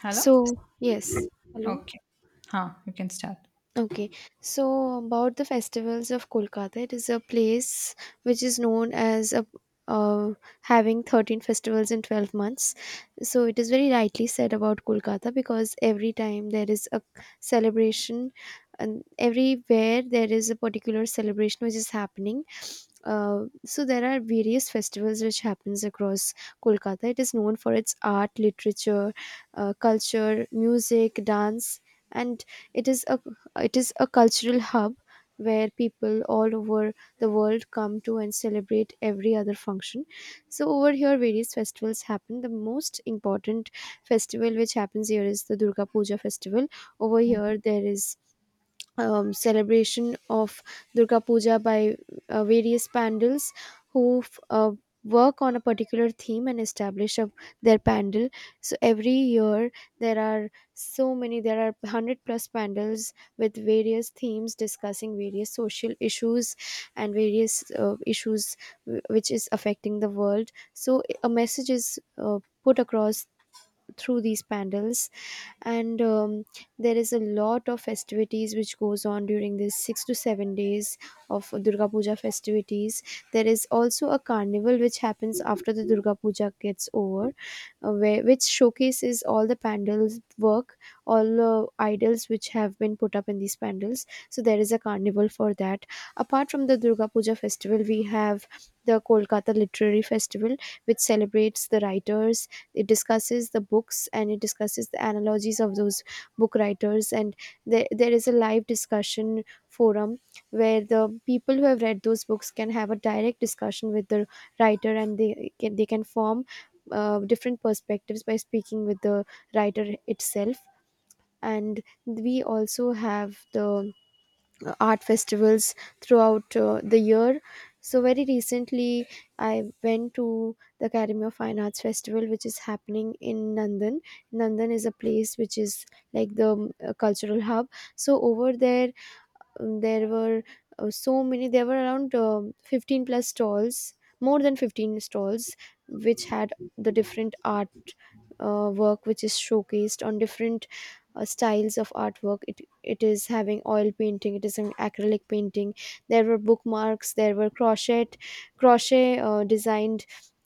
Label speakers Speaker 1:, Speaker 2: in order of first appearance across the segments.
Speaker 1: Hello?
Speaker 2: So, yes. Hello.
Speaker 1: Okay. Huh, you can start.
Speaker 2: Okay, so about the festivals of Kolkata, it is a place which is known as a uh, having 13 festivals in 12 months. So it is very rightly said about Kolkata because every time there is a celebration, and everywhere there is a particular celebration which is happening. So there are various festivals which happens across Kolkata. It is known for its art, literature, culture, music, dance, and it is a it is a cultural hub where people all over the world come to and celebrate every other function. So over here various festivals happen. The most important festival which happens here is the Durga Puja festival. Over
Speaker 1: Mhm.
Speaker 2: here there is celebration of Durga Puja by various pandals who work on a particular theme and establish a, their pandal. So every year there are there are 100 plus pandals with various themes discussing various social issues and various issues which is affecting the world. So a message is put across through these pandals and there is a lot of festivities which goes on during these 6 to 7 days of Durga Puja festivities. There is also a carnival which happens after the Durga Puja gets over which showcases all the pandals work, all the idols which have been put up in these pandals, so there is a carnival for that. Apart from the Durga Puja festival, we have the Kolkata Literary Festival, which celebrates the writers. It discusses the books and it discusses the analogies of those book writers, and there is a live discussion forum where the people who have read those books can have a direct discussion with the writer, and they can form different perspectives by speaking with the writer itself. And we also have the art festivals throughout the year. So very recently, I went to the Academy of Fine Arts Festival, which is happening in Nandan. Nandan is a place which is like the cultural hub. So over there, there were so many there were around 15 plus stalls, more than 15 stalls, which had the different art work which is showcased on different styles of artwork. It is having oil painting, it is an acrylic painting, there were bookmarks, there were crochet, crochet design,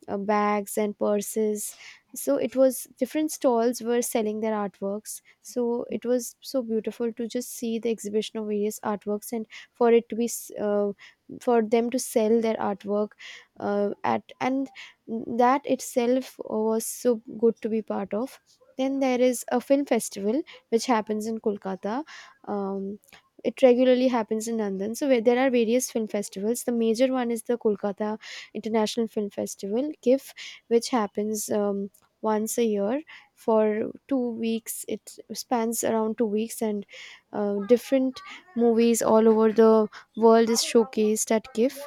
Speaker 2: bags and purses. So it was different stalls were selling their artworks, so it was so beautiful to just see the exhibition of various artworks, and for it to be s- for them to sell their artwork at and That itself was so good to be part of. Then there is a film festival which happens in Kolkata. um, it regularly happens in Nandan. So where there are various film festivals. The major one is the Kolkata International Film Festival (KIF), which happens once a year for 2 weeks. It spans around 2 weeks, and different movies all over the world is showcased at KIF.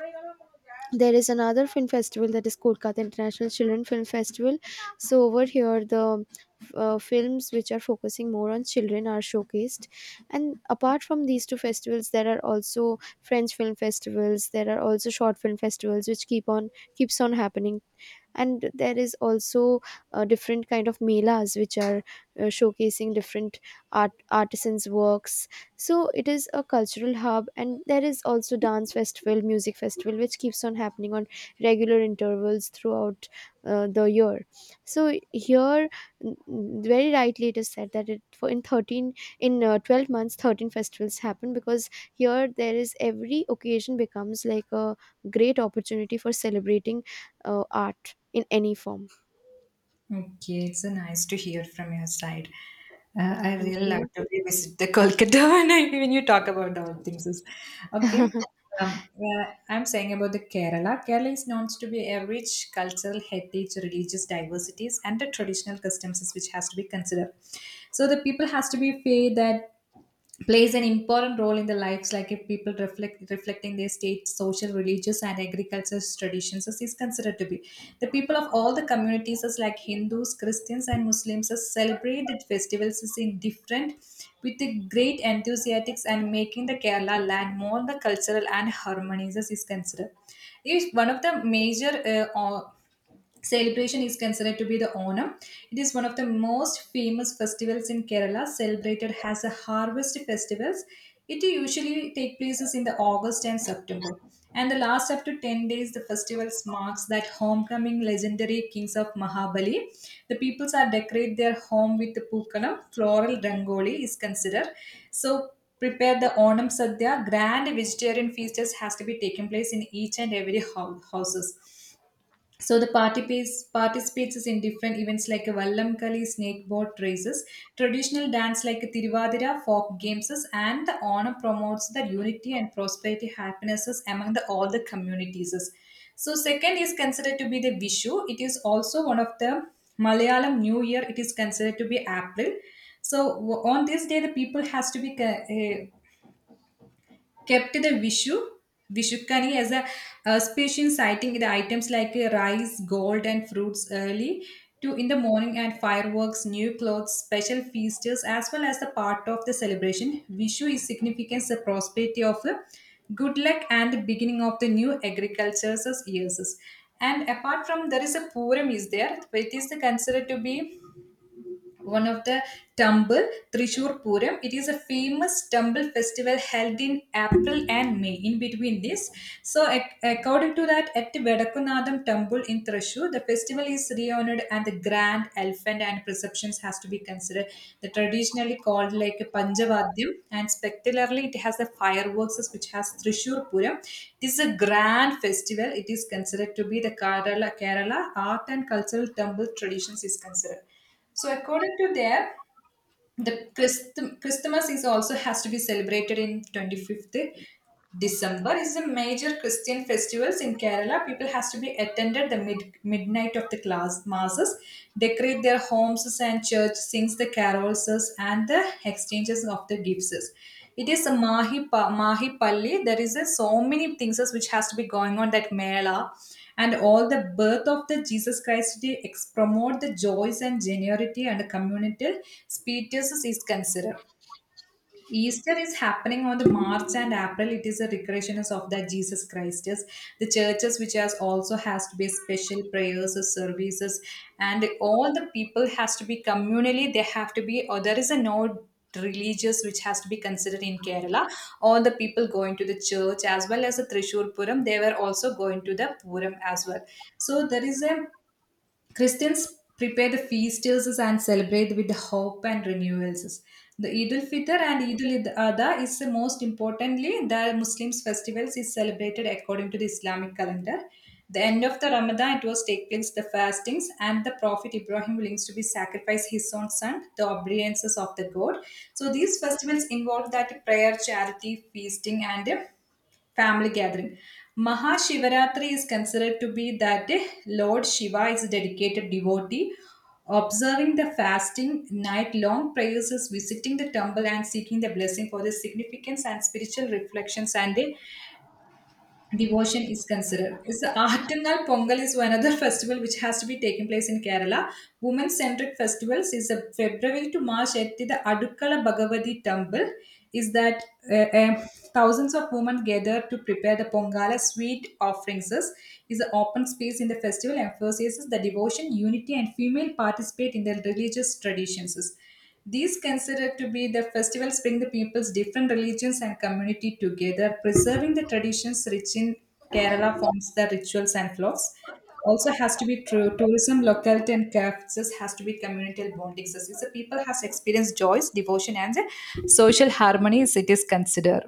Speaker 2: There is another film festival, that is Kolkata International Children Film Festival. So over here the films which are focusing more on children are showcased. And apart from these two festivals, there are also French film festivals, there are also short film festivals which keeps on happening. And there is also different kind of melas which are showcasing different artisans works. So it is a cultural hub, and there is also dance festival, music festival which keeps on happening on regular intervals throughout the year. So here, very rightly it is said that it for in 13 in uh, 12 months 13 festivals happen, because here there is every occasion becomes like a great opportunity for celebrating art in any form.
Speaker 1: Okay, it's so nice to hear from your side. I
Speaker 2: Thank
Speaker 1: really love
Speaker 2: you.
Speaker 1: to revisit the Kolkata when, when you talk about all things. Is- Okay, um, uh, I'm saying about the Kerala. Kerala is known to be a rich cultural heritage, religious diversities, and the traditional customs which has to be considered. So the people has to be fair that. Plays an important role in the lives like if people reflecting their state social religious and agricultural traditions as is considered to be the people of all the communities as like hindus christians and muslims as celebrate the festivals as in different with the great enthusiastics and making the kerala land more the cultural and harmonious as is considered is one of the major or celebration is considered to be the Onam. It is one of the most famous festivals in Kerala, celebrated as a harvest festivals. It usually take places in the August and September. And the last up to 10 days, the festivals marks that homecoming legendary kings of Mahabali. The peoples are decorate their home with the Pukanam, floral rangoli is considered. So prepare the Onam Sadhya, grand vegetarian feast has to be taken place in each and every houses so the participates in different events like a Vallamkali, snake boat races, traditional dance like Tiruvadira, folk games, and the Onam promotes the unity and prosperity, happinesses among the all the communities. So second is considered to be the Vishu. It is also one of the Malayalam New Year. It is considered to be April. So on this day, the people has to be kept the Vishu, Vishukani as a species, citing the items like rice, gold, and fruits early to in the morning and fireworks, new clothes, special feasts, as well as the part of the celebration. Vishu is significant the prosperity of good luck and the beginning of the new agriculture's years. And apart from there is a Puram is there, it is considered to be one of the temple trishur puram it is a famous temple festival held in april and may in between this so according to that at vedakunadam temple in trishur the festival is renowned and the grand elephant and perceptions has to be considered the traditionally called like a panjavadyam and spectacularly it has a fireworks which has trishur puram. This is a grand festival it is considered to be the kerala art and cultural temple traditions is considered so according to there, the Christmas is also has to be celebrated in 25th December. Is a major Christian festivals in Kerala. People has to be attended the midnight of the class masses, decorate their homes and church, sings the carols and the exchanges of the gifts. It is a Mahi Palli. There is so many things as which has to be going on that Mela and all the birth of the Jesus Christ to promote the joys and genuity and communal speeches is considered. Easter is happening on the March and April. It is a recreation of that Jesus Christ. Yes. The churches which has also has to be special prayers or services, and all the people has to be communally. They have to be. Or there is a no religious which has to be considered in Kerala. All the people going to the church as well as the Trishur Puram. They were also going to the Puram as well. So there is a Christians prepare the feast and celebrate with hope and renewals. The Eid al-Fitr and Eid al-Adha is the most importantly the Muslims festivals is celebrated according to the Islamic calendar. The end of the Ramadan it was take place the fastings and the Prophet Ibrahim willing to be sacrifice his own son the obediences of the God. So these festivals involve that prayer, charity, feasting and family gathering. Mahashivaratri is considered to be that day Lord Shiva is a dedicated devotee, observing the fasting, night long prayers, visiting the temple, and seeking the blessing for the significance and spiritual reflections and the devotion is considered. It's the Artangal Pongal is another festival which has to be taking place in Kerala. Women-centric festivals is a February to March at the Adukkala Bhagavati temple. Is that uh, uh, thousands of women gather to prepare the Pongala sweet offerings. Is the open space in the festival emphasizes the devotion, unity, and female participate in the religious traditions. These considered to be the festivals bring the people's different religions and community together, preserving the traditions rich in Kerala forms the rituals and flows. Also has to be true tourism, locality and cultures has to be communal bonding. So it's the people has experienced joys, devotion and the social harmony as it is considered.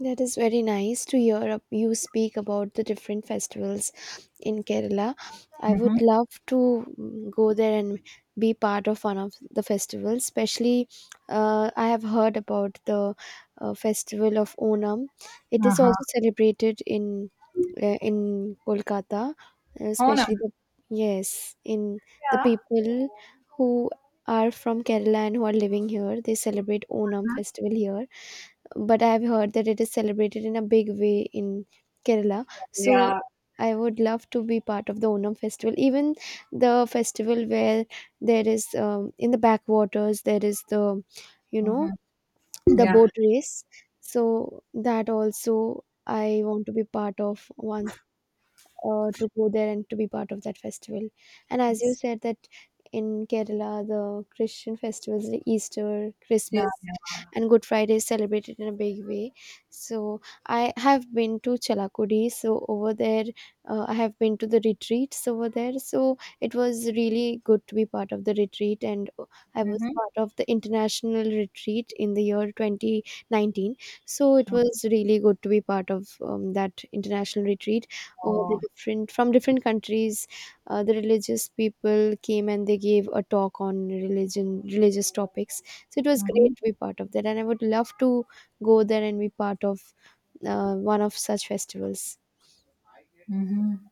Speaker 2: That is very nice to hear you speak about the different festivals in Kerala. I
Speaker 1: Mm-hmm.
Speaker 2: would love to go there and be part of one of the festivals, especially I have heard about the festival of Onam. It is
Speaker 1: Uh-huh.
Speaker 2: also celebrated in Kolkata,
Speaker 1: Oh no.
Speaker 2: especially the yes, in the
Speaker 1: Yeah.
Speaker 2: people who are from Kerala and who are living here, they celebrate Onam
Speaker 1: Huh?
Speaker 2: festival here. But I've heard that it is celebrated in a big way in Kerala.
Speaker 1: Yeah.
Speaker 2: So I would love to be part of the Onam festival, even the festival where there is in the backwaters there is the you know
Speaker 1: Mm-hmm.
Speaker 2: the
Speaker 1: Yeah.
Speaker 2: boat race. So that also I want to be part of once, to go there and to be part of that festival. And as you
Speaker 1: It's-
Speaker 2: said that in Kerala, the Christian festivals, the Easter,
Speaker 1: Yeah.
Speaker 2: Christmas,
Speaker 1: Yeah.
Speaker 2: and Good Friday is celebrated in a big way. So I have been to Chalakudi. So over there, I have been to the retreats over there. So it was really good to be part of the retreat, and I was
Speaker 1: Mm-hmm.
Speaker 2: part of the international retreat in the year 2019. So it was really good to be part of that international retreat over the
Speaker 1: Oh.
Speaker 2: different from different countries. The religious people came and they gave a talk on religion religious topics. So it was
Speaker 1: Mm-hmm.
Speaker 2: great to be part of that, and I would love to go there and be part of one of such festivals.
Speaker 1: Mm-hmm.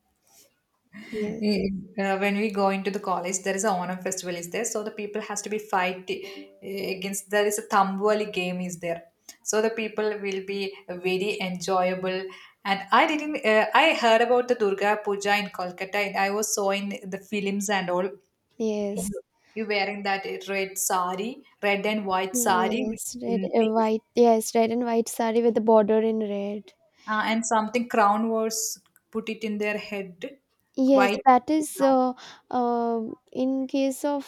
Speaker 2: Yes.
Speaker 1: Eh, when we go into the college there is a onam festival is there so the people has to be fight eh, against there is a tamboli game is there so the people will be very enjoyable and I didn't I heard about the durga puja in kolkata and I was so in the films and all you
Speaker 2: Yes.
Speaker 1: you wearing that red sari red and white sari with
Speaker 2: Yes, red
Speaker 1: pin
Speaker 2: and
Speaker 1: things
Speaker 2: white. Yes, red and white sari with the border in red.
Speaker 1: and something crown was put it in their head
Speaker 2: Yes,
Speaker 1: white
Speaker 2: that is,
Speaker 1: crown.
Speaker 2: uh, in case of,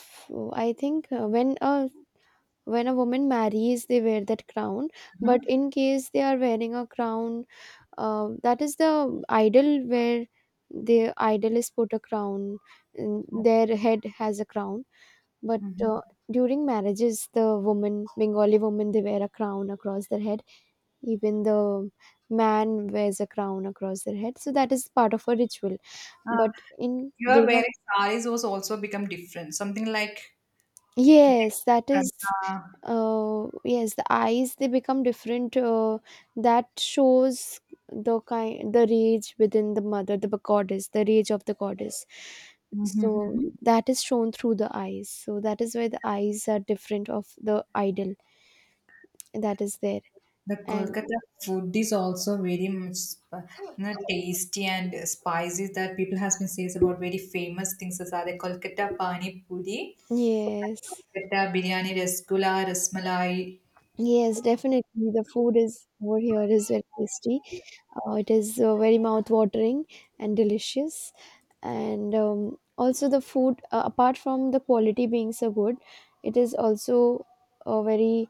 Speaker 2: I think when a woman marries they wear that crown. But
Speaker 1: Mhm.
Speaker 2: in case they are wearing a crown, that is the idol where the idol is put a crown and their head has a crown. but
Speaker 1: Mhm.
Speaker 2: uh, during marriages the woman, Bengali woman, they wear a crown across their head. Even the man wears a crown across their head, so that is part of a ritual.
Speaker 1: Uh,
Speaker 2: But in
Speaker 1: your
Speaker 2: durga
Speaker 1: wearing saris was also become different, something like
Speaker 2: Yes, that
Speaker 1: different.
Speaker 2: is,
Speaker 1: Uh,
Speaker 2: yes, the eyes they become different. That shows the kind, the rage within the mother, the goddess, the rage of the goddess.
Speaker 1: mhm,
Speaker 2: So
Speaker 1: mhm.
Speaker 2: that is shown through the eyes. So that is why the eyes are different of the idol that is there.
Speaker 1: The
Speaker 2: And
Speaker 1: Kolkata food is also very much sp- you know, tasty and spicy that people has been says about very famous things as are the Kolkata pani puri,
Speaker 2: yes,
Speaker 1: Kolkata biryani, rasgulla, rasmalai.
Speaker 2: yes, definitely the food is over here is very tasty. It is very mouth watering and delicious. And also the food, apart from the quality being so good, it is also very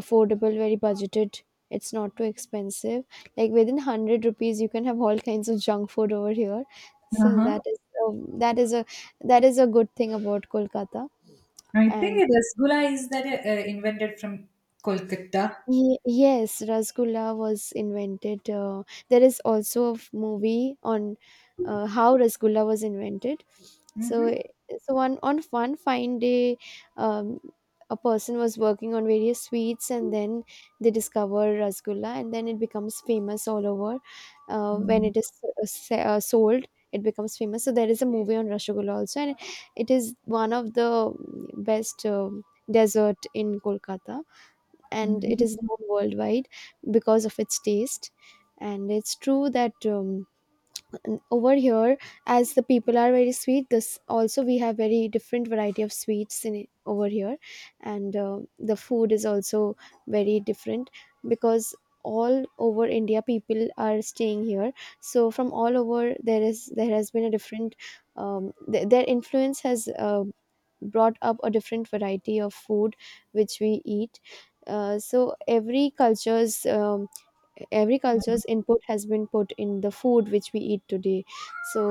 Speaker 2: affordable, very budgeted, it's not too expensive, like within 100 rupees you can have all kinds of junk food over here. So
Speaker 1: Uh-huh.
Speaker 2: that is um, that is a that is a good thing about Kolkata.
Speaker 1: I
Speaker 2: And
Speaker 1: think rasgulla is that invented from Kolkata.
Speaker 2: Yes, Rasgulla was invented. There is also a movie on how Rasgulla was invented. So,
Speaker 1: Mm-hmm.
Speaker 2: i- so one on one fine day, um, a person was working on various sweets, and then they discover Rasgulla, and then it becomes famous all over. When it is sold, it becomes famous. So there is a movie on Rasgulla also, and it is one of the best dessert in Kolkata, and it
Speaker 1: Mm-hmm.
Speaker 2: is known worldwide because of its taste. And it's true that over here, as the people are very sweet, this also we have very different variety of sweets in over here. And the food is also very different because all over India people are staying here. So from all over, there has been a different their influence has brought up a different variety of food which we eat. So every culture's input has been put in the food which we eat today. So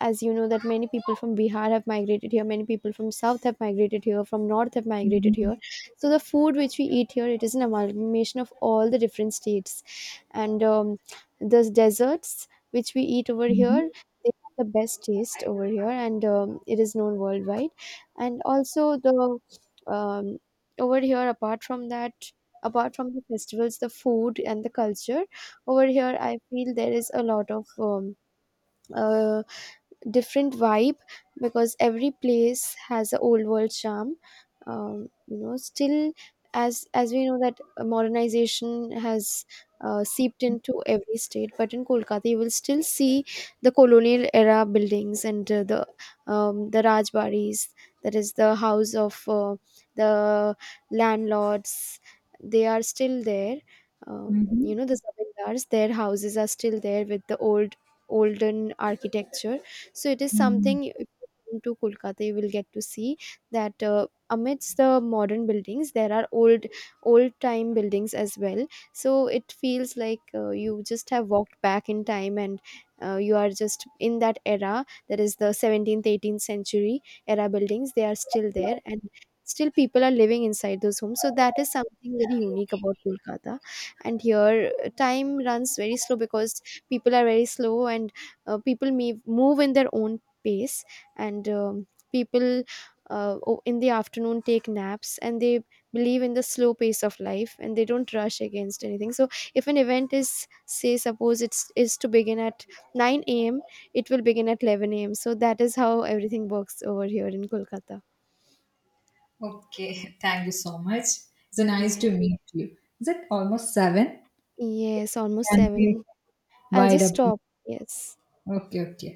Speaker 2: as you know that many people from Bihar have migrated here, many people from south have migrated here, from north have migrated
Speaker 1: Mm-hmm.
Speaker 2: here. So the food which we eat here, it is an amalgamation of all the different states. And the desserts which we eat over here,
Speaker 1: Mm-hmm.
Speaker 2: they have the best taste over here, and it is known worldwide. And also the um, over here, apart from that, apart from the festivals, the food and the culture over here, I feel there is a lot of uh, different vibe, because every place has a old world charm. You know, still, as we know that modernization has seeped into every state, but in Kolkata you will still see the colonial era buildings and the rajbaris, that is the house of the landlords, they are still there. You know, the zamindars, their houses are still there with the olden architecture. So it is
Speaker 1: Mm-hmm.
Speaker 2: something if you come to Kolkata, you will get to see that amidst the modern buildings, there are old time buildings as well. So it feels like you just have walked back in time, and you are just in that era. That is the 17th, 18th century era buildings. They are still there, and still people are living inside those homes. So that is something very unique about Kolkata. And here, time runs very slow because people are very slow, and people may move in their own pace. And people, in the afternoon take naps, and they believe in the slow pace of life and they don't rush against anything. So if an event is, say suppose it's is to begin at 9 a.m, it will begin at 11 a.m, so that is how everything works over here in Kolkata.
Speaker 1: Okay, thank you so much. It's nice to
Speaker 2: Yes.
Speaker 1: meet you. Is it almost seven?
Speaker 2: Yes, almost
Speaker 1: Can we
Speaker 2: 7. I'll
Speaker 1: wide
Speaker 2: just
Speaker 1: up?
Speaker 2: stop. Yes.
Speaker 1: Okay, okay.